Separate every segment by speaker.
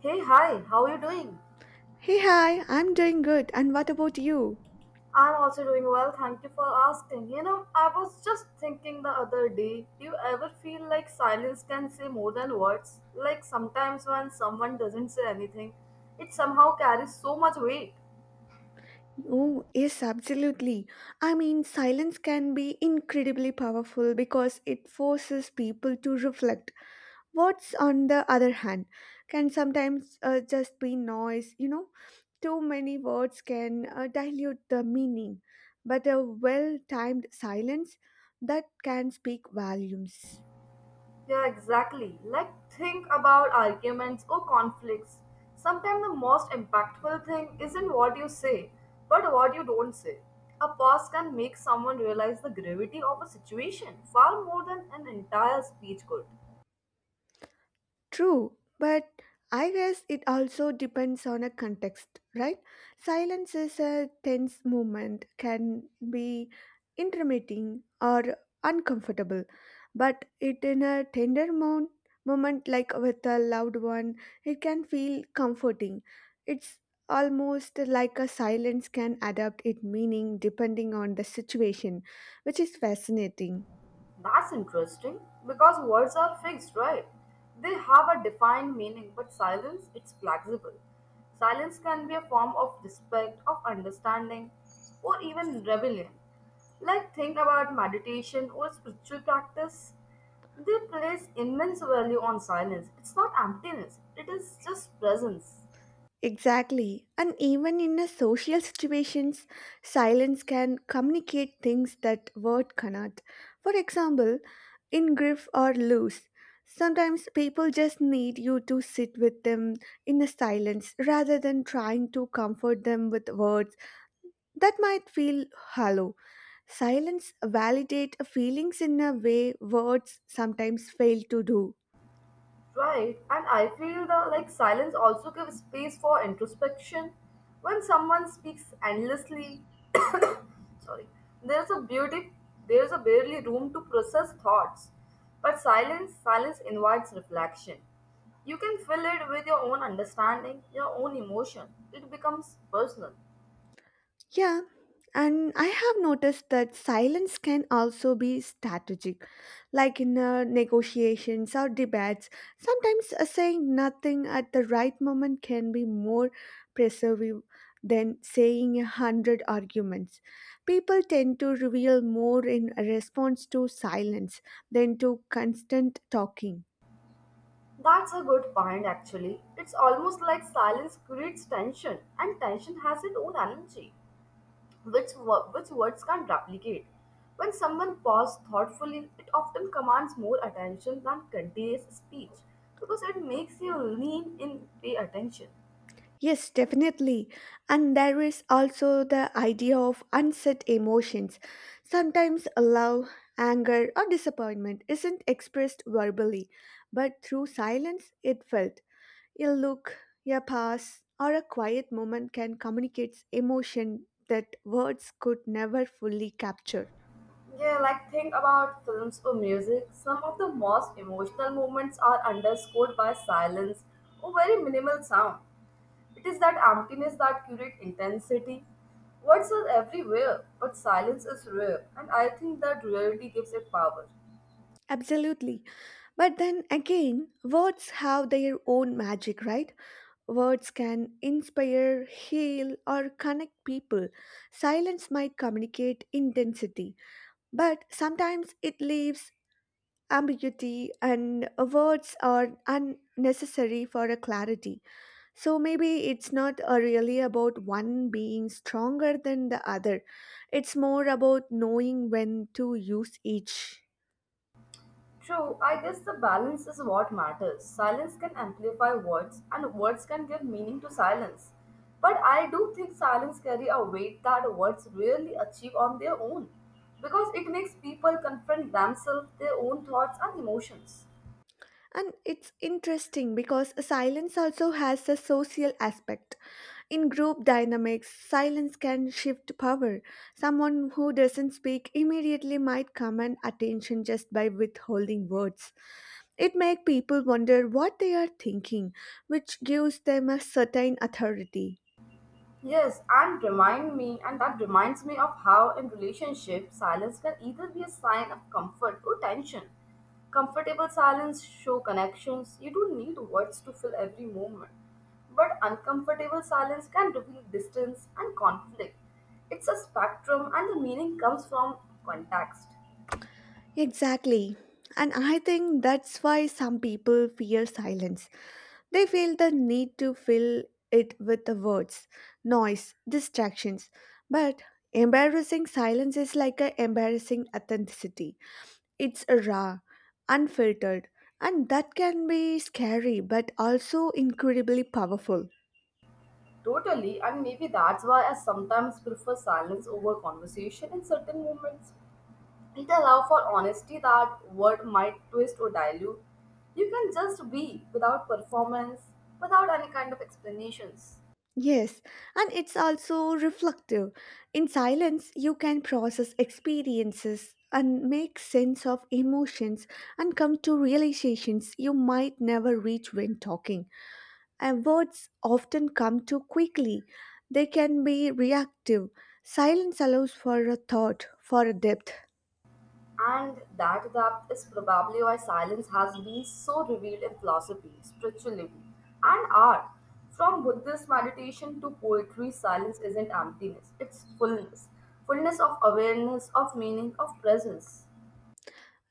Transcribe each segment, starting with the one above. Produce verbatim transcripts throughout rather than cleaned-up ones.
Speaker 1: Hey, hi, how are you doing?
Speaker 2: Hey, hi, I'm doing good. And what about you?
Speaker 1: I'm also doing well, thank you for asking. You know, I was just thinking the other day, do you ever feel like silence can say more than words? Like sometimes when someone doesn't say anything, it somehow carries so much weight.
Speaker 2: Oh, yes, absolutely. I mean, silence can be incredibly powerful because it forces people to reflect. What's on the other hand can sometimes uh, just be noise, you know? Too many words can uh, dilute the meaning, but a well timed silence that can speak volumes.
Speaker 1: Yeah, exactly. Like, think about arguments or conflicts. Sometimes the most impactful thing isn't what you say, but what you don't say. A pause can make someone realize the gravity of a situation far more than an entire speech could.
Speaker 2: True, but I guess it also depends on a context, right? Silence is a tense moment, can be intermitting or uncomfortable, but it in a tender mo- moment like with a loved one, it can feel comforting. It's almost like a silence can adapt its meaning depending on the situation, which is fascinating.
Speaker 1: That's interesting because words are fixed, right? They have a defined meaning, but silence it's flexible. Silence can be a form of respect, of understanding, or even rebellion. Like think about meditation or spiritual practice. They place immense value on silence. It's not emptiness, it is just presence.
Speaker 2: Exactly. And even in a social situations, silence can communicate things that word cannot. For example, in grief or loss, sometimes people just need you to sit with them in a silence rather than trying to comfort them with words that might feel hollow. Silence validate feelings in a way words sometimes fail to do.
Speaker 1: Right, and I feel the like silence also gives space for introspection. When someone speaks endlessly, sorry, there's a beauty, there's a barely room to process thoughts. But silence, silence invites reflection. You can fill it with your own understanding, your own emotion. It becomes personal.
Speaker 2: Yeah, and I have noticed that silence can also be strategic. Like in uh, negotiations or debates, sometimes uh, saying nothing at the right moment can be more persuasive than saying a hundred arguments. People tend to reveal more in response to silence than to constant talking.
Speaker 1: That's a good point, actually. It's almost like silence creates tension, and tension has its own energy, which, wo- which words can't replicate. When someone pauses thoughtfully, it often commands more attention than continuous speech because it makes you lean in, pay attention.
Speaker 2: Yes, definitely. And there is also the idea of unset emotions. Sometimes love, anger, or disappointment isn't expressed verbally, but through silence it felt. A look, a pause, or a quiet moment can communicate emotion that words could never fully capture.
Speaker 1: Yeah, like think about films or music. Some of the most emotional moments are underscored by silence or very minimal sound. It is that emptiness that creates intensity. Words are everywhere, but silence is rare, and I think that rarity gives it power.
Speaker 2: Absolutely. But then again, words have their own magic, right? Words can inspire, heal, or connect people. Silence might communicate intensity, but sometimes it leaves ambiguity, and words are unnecessary for a clarity. So maybe it's not uh, really about one being stronger than the other, it's more about knowing when to use each.
Speaker 1: True, I guess the balance is what matters. Silence can amplify words, and words can give meaning to silence. But I do think silence carry a weight that words rarely achieve on their own, because it makes people confront themselves, their own thoughts and emotions.
Speaker 2: And it's interesting because silence also has a social aspect. In group dynamics, silence can shift power. Someone who doesn't speak immediately might command attention just by withholding words. It makes people wonder what they are thinking, which gives them a certain authority.
Speaker 1: Yes, and remind me, and that reminds me of how in relationship silence can either be a sign of comfort or tension. Comfortable silence show connections. You don't need words to fill every moment. But uncomfortable silence can reveal distance and conflict. It's a spectrum and the meaning comes from context.
Speaker 2: Exactly. And I think that's why some people fear silence. They feel the need to fill it with the words, noise, distractions. But embarrassing silence is like an embarrassing authenticity. It's raw, unfiltered, and that can be scary but also incredibly powerful.
Speaker 1: Totally, and maybe that's why I sometimes prefer silence over conversation in certain moments. It allows for honesty that word might twist or dilute. You can just be without performance, without any kind of explanations.
Speaker 2: Yes, and it's also reflective. In silence, you can process experiences and make sense of emotions and come to realizations you might never reach when talking. And words often come too quickly, they can be reactive. Silence allows for a thought, for a depth.
Speaker 1: And that depth is probably why silence has been so revealed in philosophy, spirituality, and art. From Buddhist meditation to poetry, silence isn't emptiness, it's fullness. Fullness of awareness, of meaning, of presence.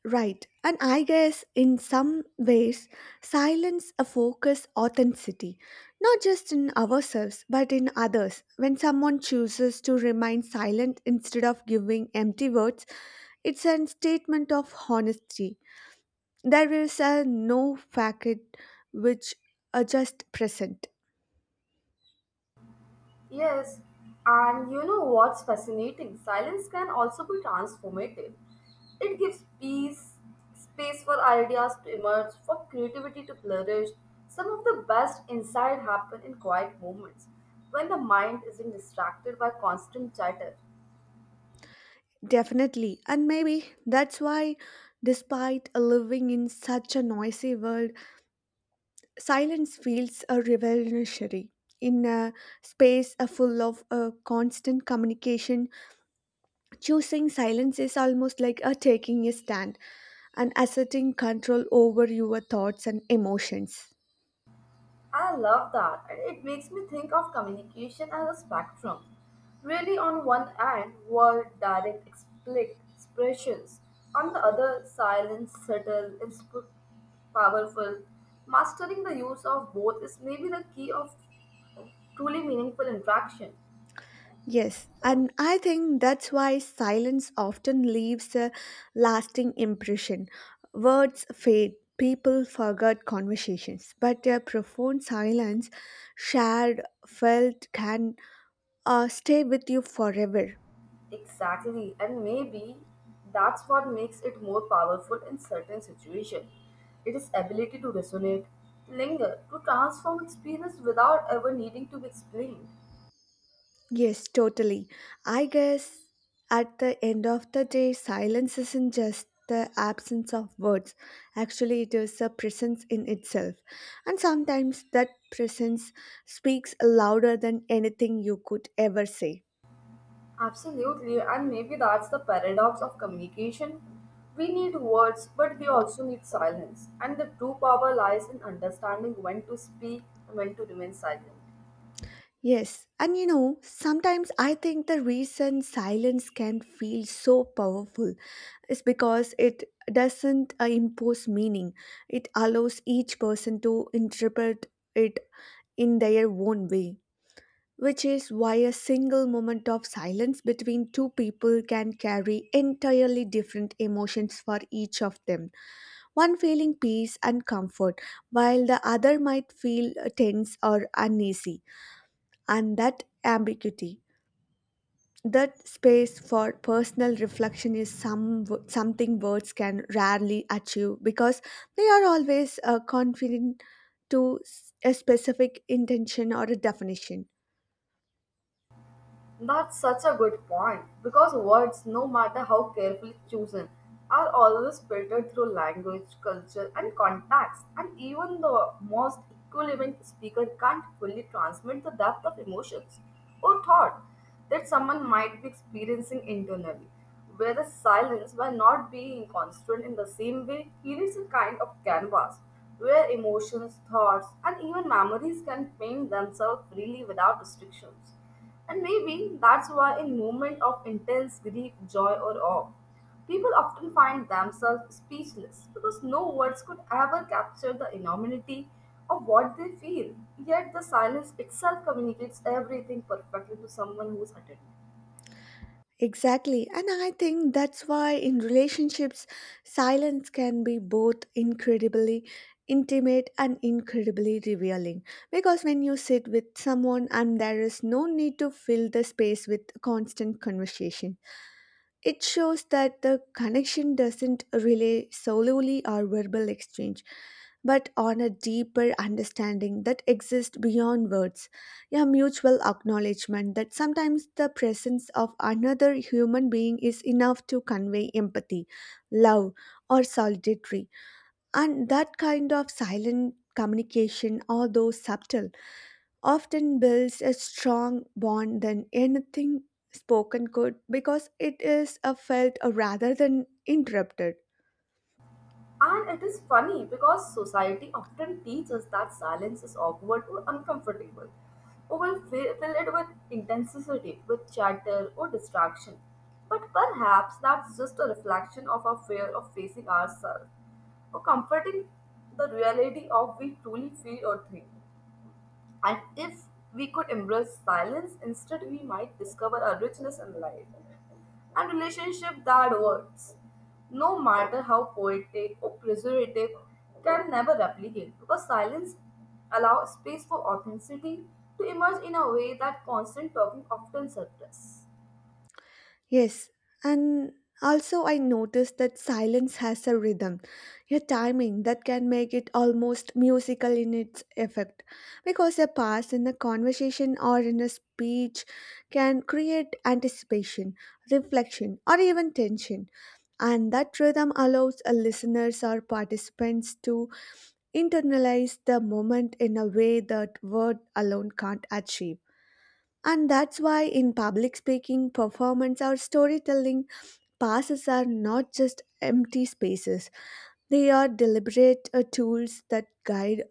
Speaker 2: Right, and I guess in some ways, silence a focus authenticity, not just in ourselves but in others. When someone chooses to remain silent instead of giving empty words, it's a statement of honesty. There is a no facade which are just present,
Speaker 1: Yes, and you know what's fascinating? Silence can also be transformative. It gives peace, space for ideas to emerge, for creativity to flourish. Some of the best insight happen in quiet moments when the mind isn't distracted by constant chatter.
Speaker 2: definitely, and maybe that's why, despite living in such a noisy world, silence feels a revolutionary in a space uh, full of uh, constant communication choosing silence is almost like a taking a stand and asserting control over your thoughts and emotions
Speaker 1: I love that, and it makes me think of communication as a spectrum. Really, on one end were direct explicit expressions, on the other, silent, subtle, insp- powerful. Mastering the use of both is maybe the key of truly meaningful interaction.
Speaker 2: yes and I think that's why silence often leaves a lasting impression words fade people forget conversations but a profound silence shared felt can uh, stay with you forever.
Speaker 1: Exactly, and maybe that's what makes it more powerful in certain situations. It is ability to resonate, to linger, to transform experience without ever needing to be explained.
Speaker 2: Yes, totally. I guess at the end of the day, silence isn't just the absence of words. Actually, it is a presence in itself. And sometimes that presence speaks louder than anything you could ever say.
Speaker 1: Absolutely, and maybe that's the paradox of communication. We need words, but we also need silence. And the true power lies in understanding when to speak and when to remain silent.
Speaker 2: Yes, and you know, sometimes I think the reason silence can feel so powerful is because it doesn't uh, impose meaning. It allows each person to interpret it in their own way, which is why a single moment of silence between two people can carry entirely different emotions for each of them. One feeling peace and comfort, while the other might feel uh, tense or uneasy, and that ambiguity that space for personal reflection is some something words can rarely achieve because they are always uh, confined to s- a specific intention or a definition.
Speaker 1: That's such a good point because words, no matter how carefully chosen, are always filtered through language, culture, and context, and even the most eloquent speaker can't fully transmit the depth of emotions or thought that someone might be experiencing internally. Whereas silence, by not being constant in the same way, creates a kind of canvas where emotions, thoughts, and even memories can paint themselves freely without restrictions. And maybe that's why, in moments of intense grief, joy, or awe, people often find themselves speechless because no words could ever capture the enormity of what they feel. Yet, the silence itself communicates everything perfectly to someone who's attentive.
Speaker 2: Exactly, and I think that's why in relationships, silence can be both incredibly intimate and incredibly revealing. Because when you sit with someone and there is no need to fill the space with constant conversation, it shows that the connection doesn't rely solely on verbal exchange, but on a deeper understanding that exists beyond words, a mutual acknowledgement that sometimes the presence of another human being is enough to convey empathy, love, or solidarity. And that kind of silent communication, although subtle, often builds a strong bond than anything spoken could because it is a felt rather than interrupted.
Speaker 1: And it is funny because society often teaches that silence is awkward or uncomfortable, or will fill, fill it with intensity, with chatter or distraction. But perhaps that's just a reflection of our fear of facing ourselves, or comforting the reality of we truly feel or think. And if we could embrace silence, instead we might discover a richness in life and relationship that words, no matter how poetic or preservative, can never replicate because silence allows space for authenticity to emerge in a way that constant talking often suppresses.
Speaker 2: Yes, and also I noticed that silence has a rhythm, a timing that can make it almost musical in its effect because a pause in a conversation or in a speech can create anticipation, reflection, or even tension and that rhythm allows a listeners or participants to internalize the moment in a way that word alone can't achieve. And that's why in public speaking, performance, or storytelling, passes are not just empty spaces. They are deliberate uh, tools that guide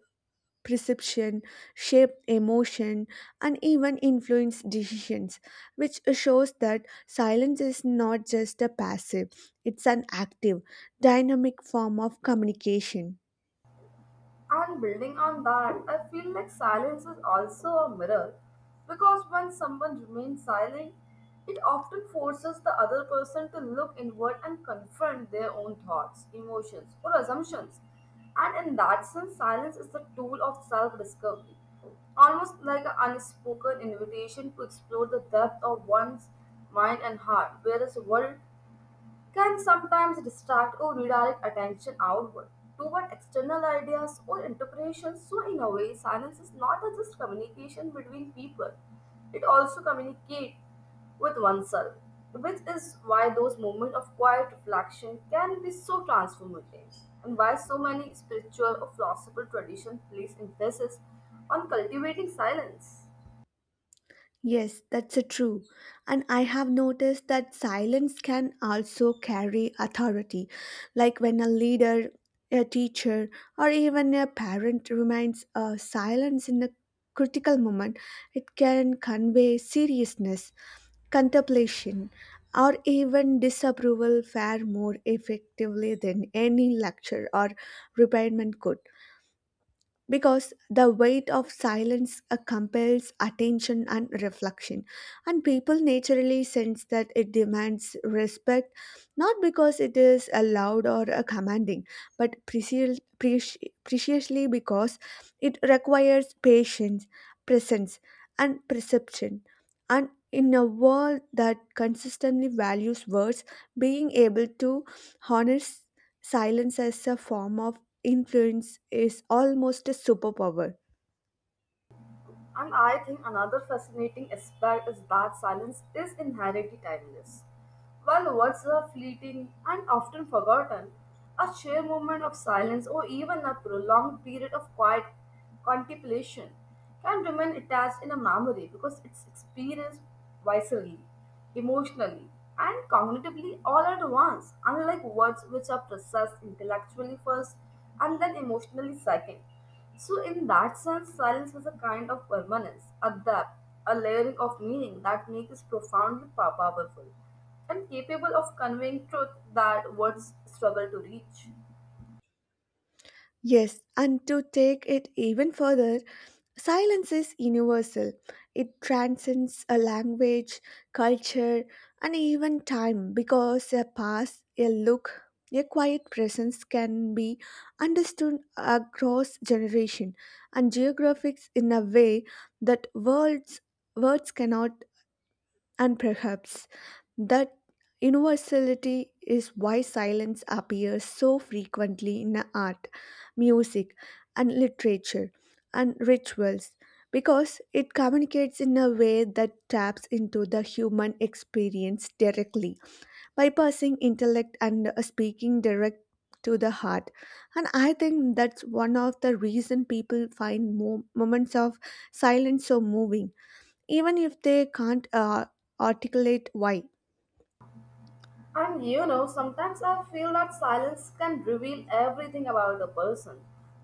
Speaker 2: perception, shape emotion, and even influence decisions, which shows that silence is not just a passive, it's an active, dynamic form of communication.
Speaker 1: And building on that, I feel like silence is also a mirror because when someone remains silent, it often forces the other person to look inward and confront their own thoughts, emotions, or assumptions. And in that sense, silence is the tool of self discovery, almost like an unspoken invitation to explore the depth of one's mind and heart, whereas world can sometimes distract or redirect attention outward toward external ideas or interpretations. So, in a way, silence is not just communication between people, it also communicates with oneself, which is why those moments of quiet reflection can be so transformative and why so many spiritual or philosophical traditions place emphasis on cultivating silence.
Speaker 2: Yes, that's a true. And I have noticed that silence can also carry authority. Like when a leader, a teacher, or even a parent remains uh, silence in a critical moment, it can convey seriousness, contemplation, or even disapproval far more effectively than any lecture or reprimand could because the weight of silence uh, compels attention and reflection and people naturally sense that it demands respect not because it is uh, loud or uh, commanding but preci- preci- preciously because it requires patience presence and perception and in a world that consistently values words being able to harness silence as a form of influence is almost a superpower.
Speaker 1: And I think another fascinating aspect is that silence is inherently timeless. While words are fleeting and often forgotten, a sheer moment of silence or even a prolonged period of quiet contemplation can remain attached in a memory because it's experienced viscerally, emotionally, and cognitively all at once, unlike words which are processed intellectually first and then emotionally second. So, in that sense, silence is a kind of permanence, a depth, a layering of meaning that makes it profoundly pow- powerful and capable of conveying truth that words struggle to reach.
Speaker 2: Yes, and to take it even further, silence is universal. It transcends a language, culture, and even time because a pass, a look, a quiet presence can be understood across generation and geographics in a way that words words cannot and perhaps that universality is why silence appears so frequently in art, music, and literature and rituals because it communicates in a way that taps into the human experience directly, bypassing intellect and speaking direct to the heart and I think that's one of the reason people find mo- moments of silence so moving even if they can't uh, articulate why.
Speaker 1: And you know, sometimes I feel that silence can reveal everything about a person.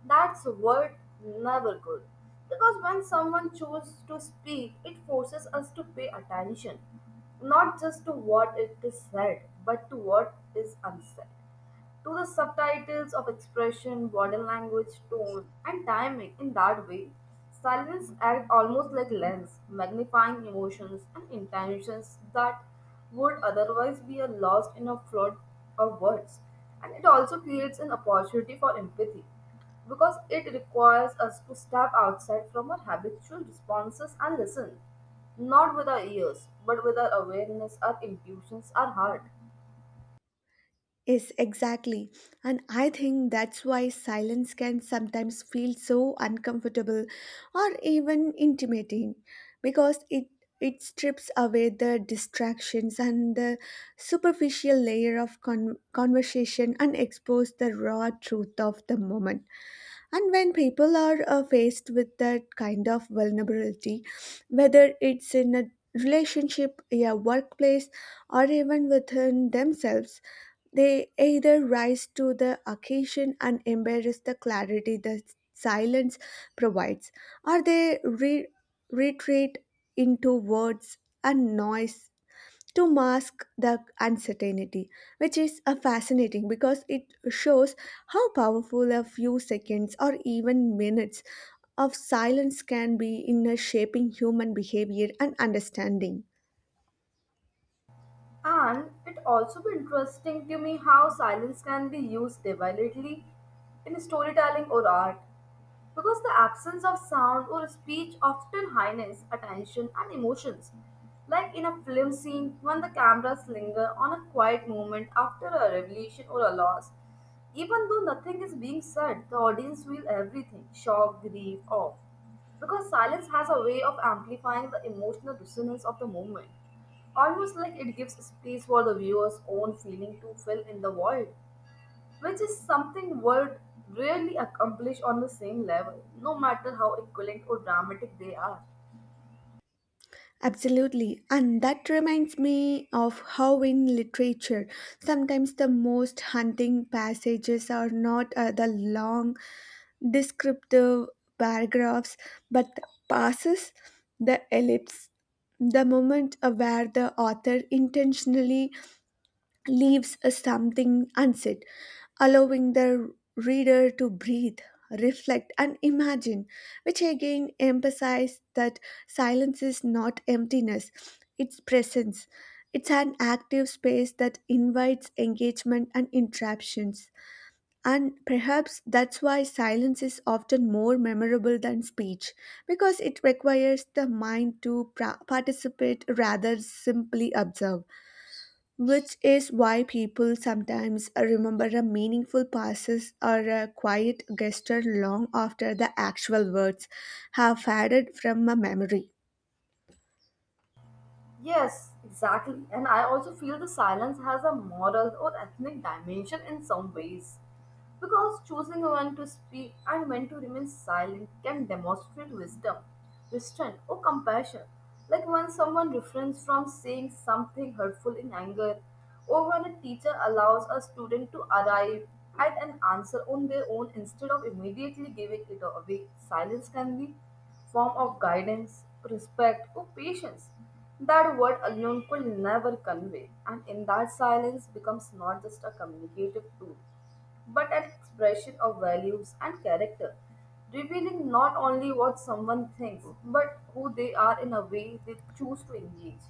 Speaker 1: That's a word never could. Because when someone chooses to speak, it forces us to pay attention, not just to what it is said, but to what is unsaid, to the subtitles of expression, body language, tone, and timing. In that way, silence acts almost like lens, magnifying emotions and intentions that would otherwise be lost in a flood of words. And it also creates an opportunity for empathy because it requires us to step outside from our habitual responses and listen, not with our ears, but with our awareness, our intuitions, our heart.
Speaker 2: Yes, exactly. And I think that's why silence can sometimes feel so uncomfortable or even intimidating because it it strips away the distractions and the superficial layer of con- conversation and expose the raw truth of the moment. And when people are uh, faced with that kind of vulnerability, whether it's in a relationship, a workplace, or even within themselves, they either rise to the occasion and embrace the clarity the silence provides, or they re- retreat into words and noise to mask the uncertainty, which is uh, fascinating because it shows how powerful a few seconds or even minutes of silence can be in uh, shaping human behavior and understanding.
Speaker 1: And it also be interesting to me how silence can be used deliberately in storytelling or art because the absence of sound or speech often heightens attention and emotions. Like in a film scene, when the cameras linger on a quiet moment after a revelation or a loss, even though nothing is being said, the audience feel everything shock, grief, awe. Because silence has a way of amplifying the emotional dissonance of the moment, almost like it gives space for the viewer's own feeling to fill in the void which is something world rarely accomplish on the same level, no matter how equivalent or dramatic they are.
Speaker 2: Absolutely. And that reminds me of how in literature, sometimes the most haunting passages are not uh, the long descriptive paragraphs, but the passes, the ellipse, the moment uh, where the author intentionally leaves something unsaid, allowing the reader to breathe, reflect, and imagine, which again emphasizes that silence is not emptiness, it's presence. It's an active space that invites engagement and interruptions. And perhaps that's why silence is often more memorable than speech, because it requires the mind to pra- participate rather simply observe which is why people sometimes uh, remember a meaningful passes or a quiet gesture long after the actual words have faded from a memory.
Speaker 1: Yes, exactly. And I also feel the silence has a moral or ethnic dimension in some ways. Because choosing when to speak and when to remain silent can demonstrate wisdom, restraint, or compassion. Like when someone refrains from saying something hurtful in anger or when a teacher allows a student to arrive at an answer on their own instead of immediately giving it away. Silence can be form of guidance, respect, or patience that word alone could never convey. And in that silence becomes not just a communicative tool, but an expression of values and character, revealing not only what someone thinks, but who they are in a way they choose to engage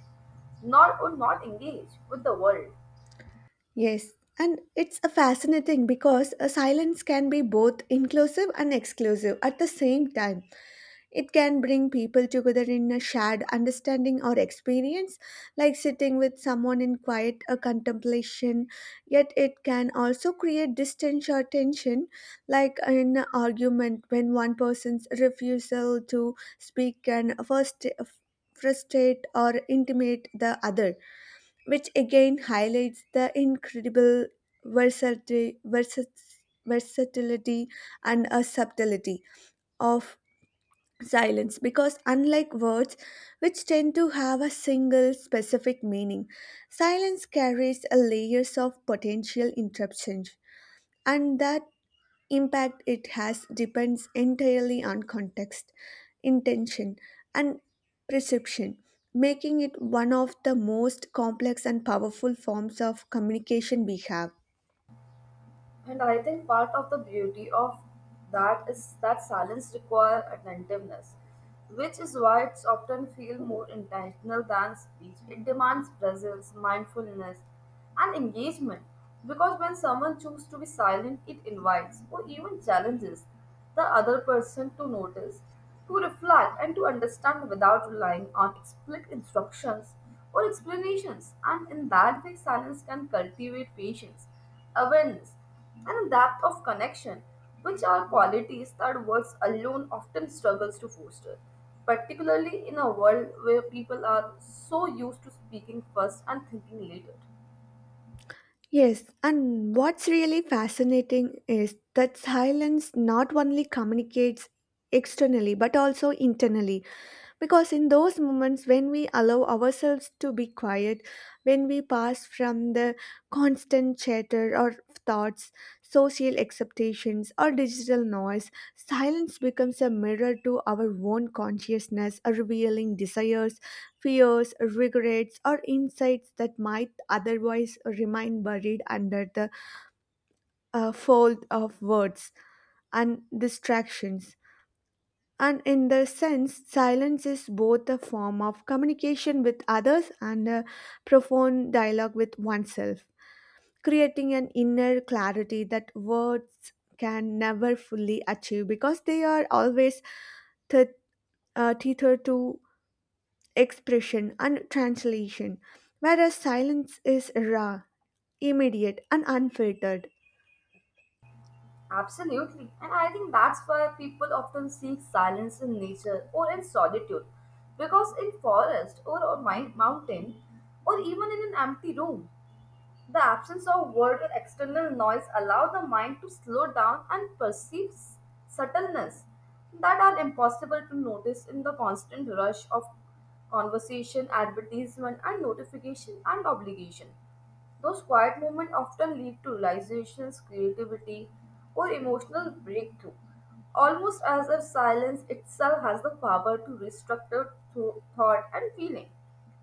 Speaker 1: nor would not engage with the world.
Speaker 2: Yes, and it's a fascinating because a silence can be both inclusive and exclusive at the same time. It can bring people together in a shared understanding or experience, like sitting with someone in quiet or contemplation. Yet, it can also create distance or tension, like in an argument when one person's refusal to speak can first frustrate or intimidate the other, which again highlights the incredible versati- versat- versatility and uh, subtlety of silence because unlike words which tend to have a single specific meaning silence carries a layers of potential interruptions and that impact it has depends entirely on context intention and perception making it one of the most complex and powerful forms of communication we have.
Speaker 1: And I think part of the beauty of that is that silence requires attentiveness, which is why it's often feel more intentional than speech. It demands presence, mindfulness, and engagement. Because when someone chooses to be silent, it invites or even challenges the other person to notice, to reflect, and to understand without relying on explicit instructions or explanations. And in that way, silence can cultivate patience awareness and a depth of connection, which are qualities that words alone often struggles to foster, particularly in a world where people are so used to speaking first and thinking later.
Speaker 2: Yes, and what's really fascinating is that silence not only communicates externally but also internally. Because in those moments when we allow ourselves to be quiet, when we pass from the constant chatter or thoughts, social acceptations, or digital noise, silence becomes a mirror to our own consciousness, revealing desires, fears, regrets, or insights that might otherwise remain buried under the uh, fold of words and distractions. And in the sense, silence is both a form of communication with others and a profound dialogue with oneself, creating an inner clarity that words can never fully achieve because they are always th- uh, tethered to expression and translation, whereas silence is raw, immediate, and unfiltered.
Speaker 1: Absolutely, and I think that's why people often seek silence in nature or in solitude, because in forest or a mi- mountain, or even in an empty room, the absence of word or external noise allow the mind to slow down and perceive s- subtleness that are impossible to notice in the constant rush of conversation, advertisement, and notification and obligation. Those quiet moments often lead to realizations, creativity, or emotional breakthrough, almost as if silence itself has the power to restructure tho- thought and feeling,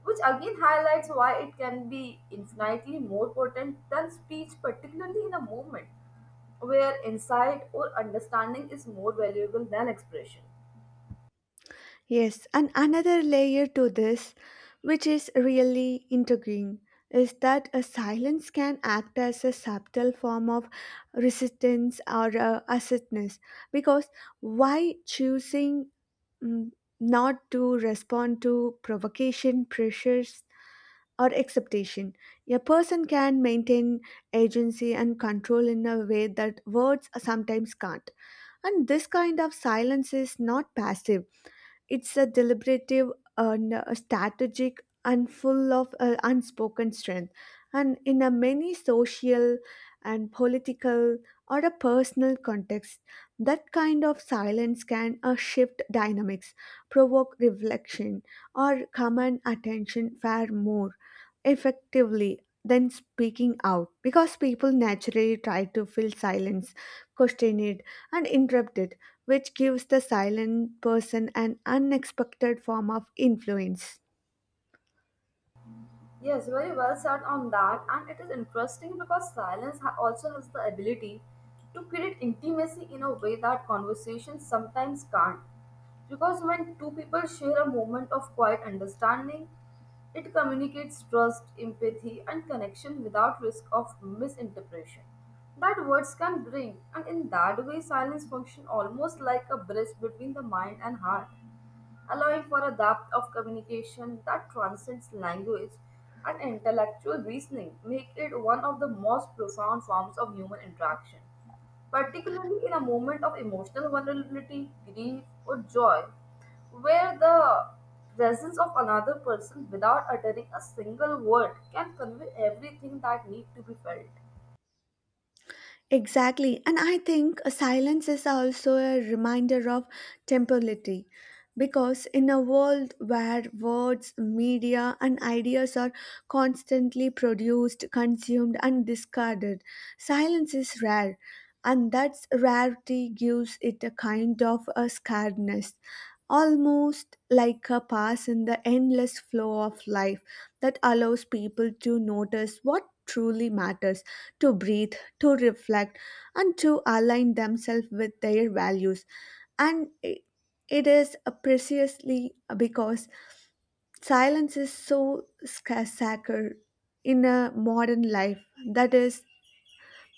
Speaker 1: which again highlights why it can be infinitely more potent than speech, particularly in a moment where insight or understanding is more valuable than expression.
Speaker 2: Yes, and another layer to this, which is really intriguing, is that a silence can act as a subtle form of resistance or uh, assertiveness, because why choosing mm, not to respond to provocation, pressures, or acceptation. A person can maintain agency and control in a way that words sometimes can't. And this kind of silence is not passive. It's a deliberative, uh, n- strategic, and full of uh, unspoken strength. And in a many social and political or a personal context, that kind of silence can uh, shift dynamics, provoke reflection, or command attention far more effectively than speaking out, because people naturally try to fill silence, question it, and interrupt it, which gives the silent person an unexpected form of influence.
Speaker 1: Yes, very well said on that. And it is interesting because silence ha- also has the ability to create intimacy in a way that conversation sometimes can't. Because when two people share a moment of quiet understanding, it communicates trust, empathy, and connection without risk of misinterpretation that words can bring. And in that way, silence functions almost like a bridge between the mind and heart allowing for a depth of communication that transcends language and intellectual reasoning, make it one of the most profound forms of human interaction. Particularly in a moment of emotional vulnerability, grief, or joy, where the presence of another person without uttering a single word can convey everything that needs to be felt.
Speaker 2: Exactly. And I think a silence is also a reminder of temporality, because in a world where words, media, and ideas are constantly produced, consumed, and discarded, silence is rare. And that rarity gives it a kind of a scarceness, almost like a pass in the endless flow of life that allows people to notice what truly matters, to breathe, to reflect, and to align themselves with their values. And i- it is uh, precisely because silence is so sca- sacred in a modern life, that is,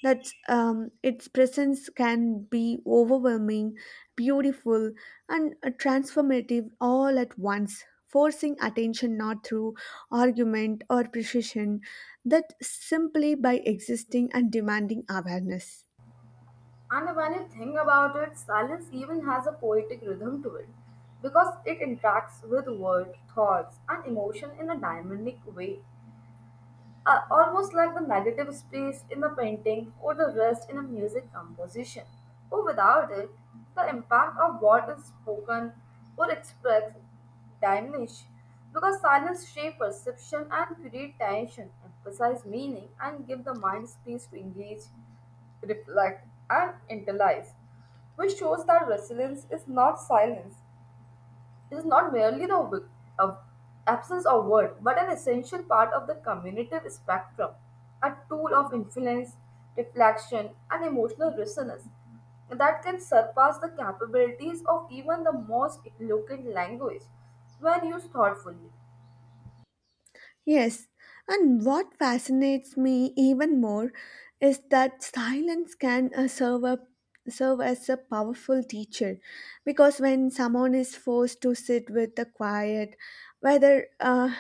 Speaker 2: that um, its presence can be overwhelming, beautiful, and uh, transformative all at once, forcing attention not through argument or precision, that simply by existing and demanding awareness.
Speaker 1: And when you think about it, silence even has a poetic rhythm to it because it interacts with words, thoughts, and emotion in a dynamic way are almost like the negative space in a painting or the rest in a music composition. Or without it, the impact of what is spoken or expressed diminish because silence shape perception and create tension, emphasize meaning, and give the mind space to engage, reflect, and internalize, which shows that resilience is not silence is not merely the wi- of absence of word, but an essential part of the communicative spectrum, a tool of influence, reflection, and emotional resonance that can surpass the capabilities of even the most eloquent language when used thoughtfully.
Speaker 2: Yes, and what fascinates me even more is that silence can uh, serve a serve as a powerful teacher, because when someone is forced to sit with the quiet, whether uh,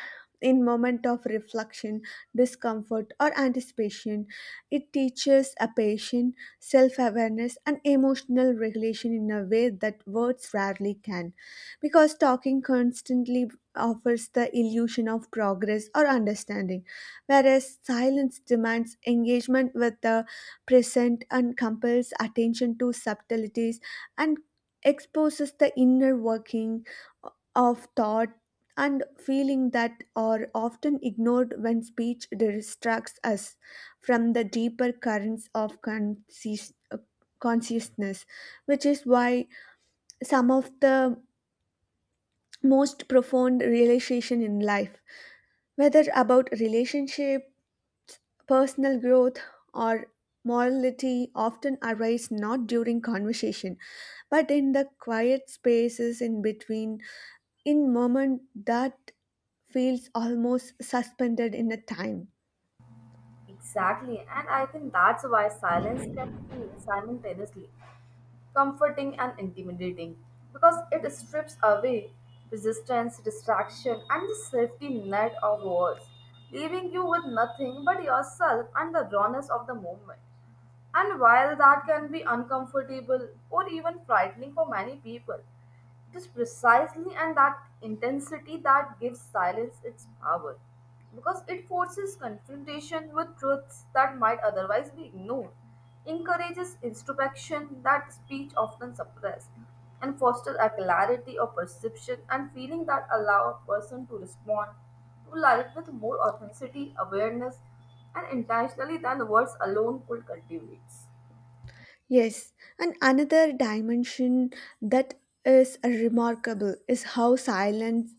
Speaker 2: in moment of reflection, discomfort, or anticipation, it teaches a patient self-awareness and emotional regulation in a way that words rarely can, because talking constantly offers the illusion of progress or understanding, whereas silence demands engagement with the present and compels attention to subtleties, and exposes the inner working of thought and feeling that are often ignored when speech distracts us from the deeper currents of conscious- uh, consciousness, which is why some of the most profound realization in life, whether about relationship, personal growth, or morality, often arise not during conversation, but in the quiet spaces in between, in moment that feels almost suspended in a time.
Speaker 1: Exactly, and I think that's why silence can feel simultaneously comforting and intimidating because it strips away resistance, distraction, and the safety net of words, leaving you with nothing but yourself and the rawness of the moment. And while that can be uncomfortable or even frightening for many people, it is precisely and that intensity that gives silence its power because it forces confrontation with truths that might otherwise be ignored, encourages introspection that speech often suppresses, and fosters a clarity of perception and feeling that allow a person to respond to life with more authenticity, awareness, and intentionally than words alone could cultivate.
Speaker 2: Yes, and another dimension that is remarkable is how silence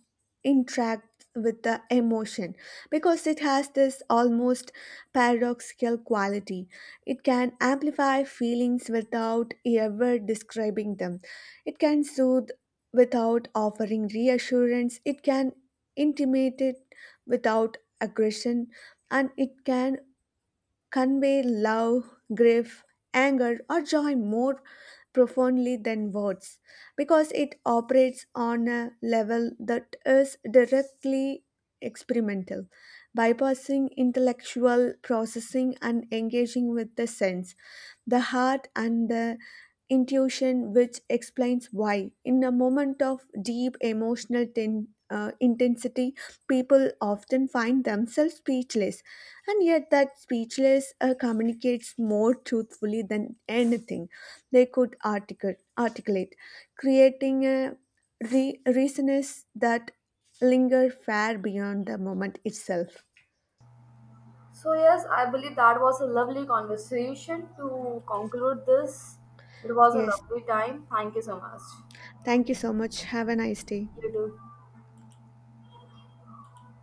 Speaker 2: interacts with the emotion, because it has this almost paradoxical quality. It can amplify feelings without ever describing them, it can soothe without offering reassurance, it can intimidate without aggression, and it can convey love, grief, anger, or joy more profoundly than words, because it operates on a level that is directly experimental, bypassing intellectual processing and engaging with the sense, the heart, and the intuition, which explains why, in a moment of deep emotional ten- uh, intensity, people often find themselves speechless, and yet that speechless uh, communicates more truthfully than anything they could articu- articulate, creating a re- resonance that linger far beyond the moment itself.
Speaker 1: So, yes, I believe that was a lovely conversation to conclude this. It was a
Speaker 2: Yes,
Speaker 1: lovely time. Thank you so much.
Speaker 2: thank you so much. Have a nice day.
Speaker 1: You too.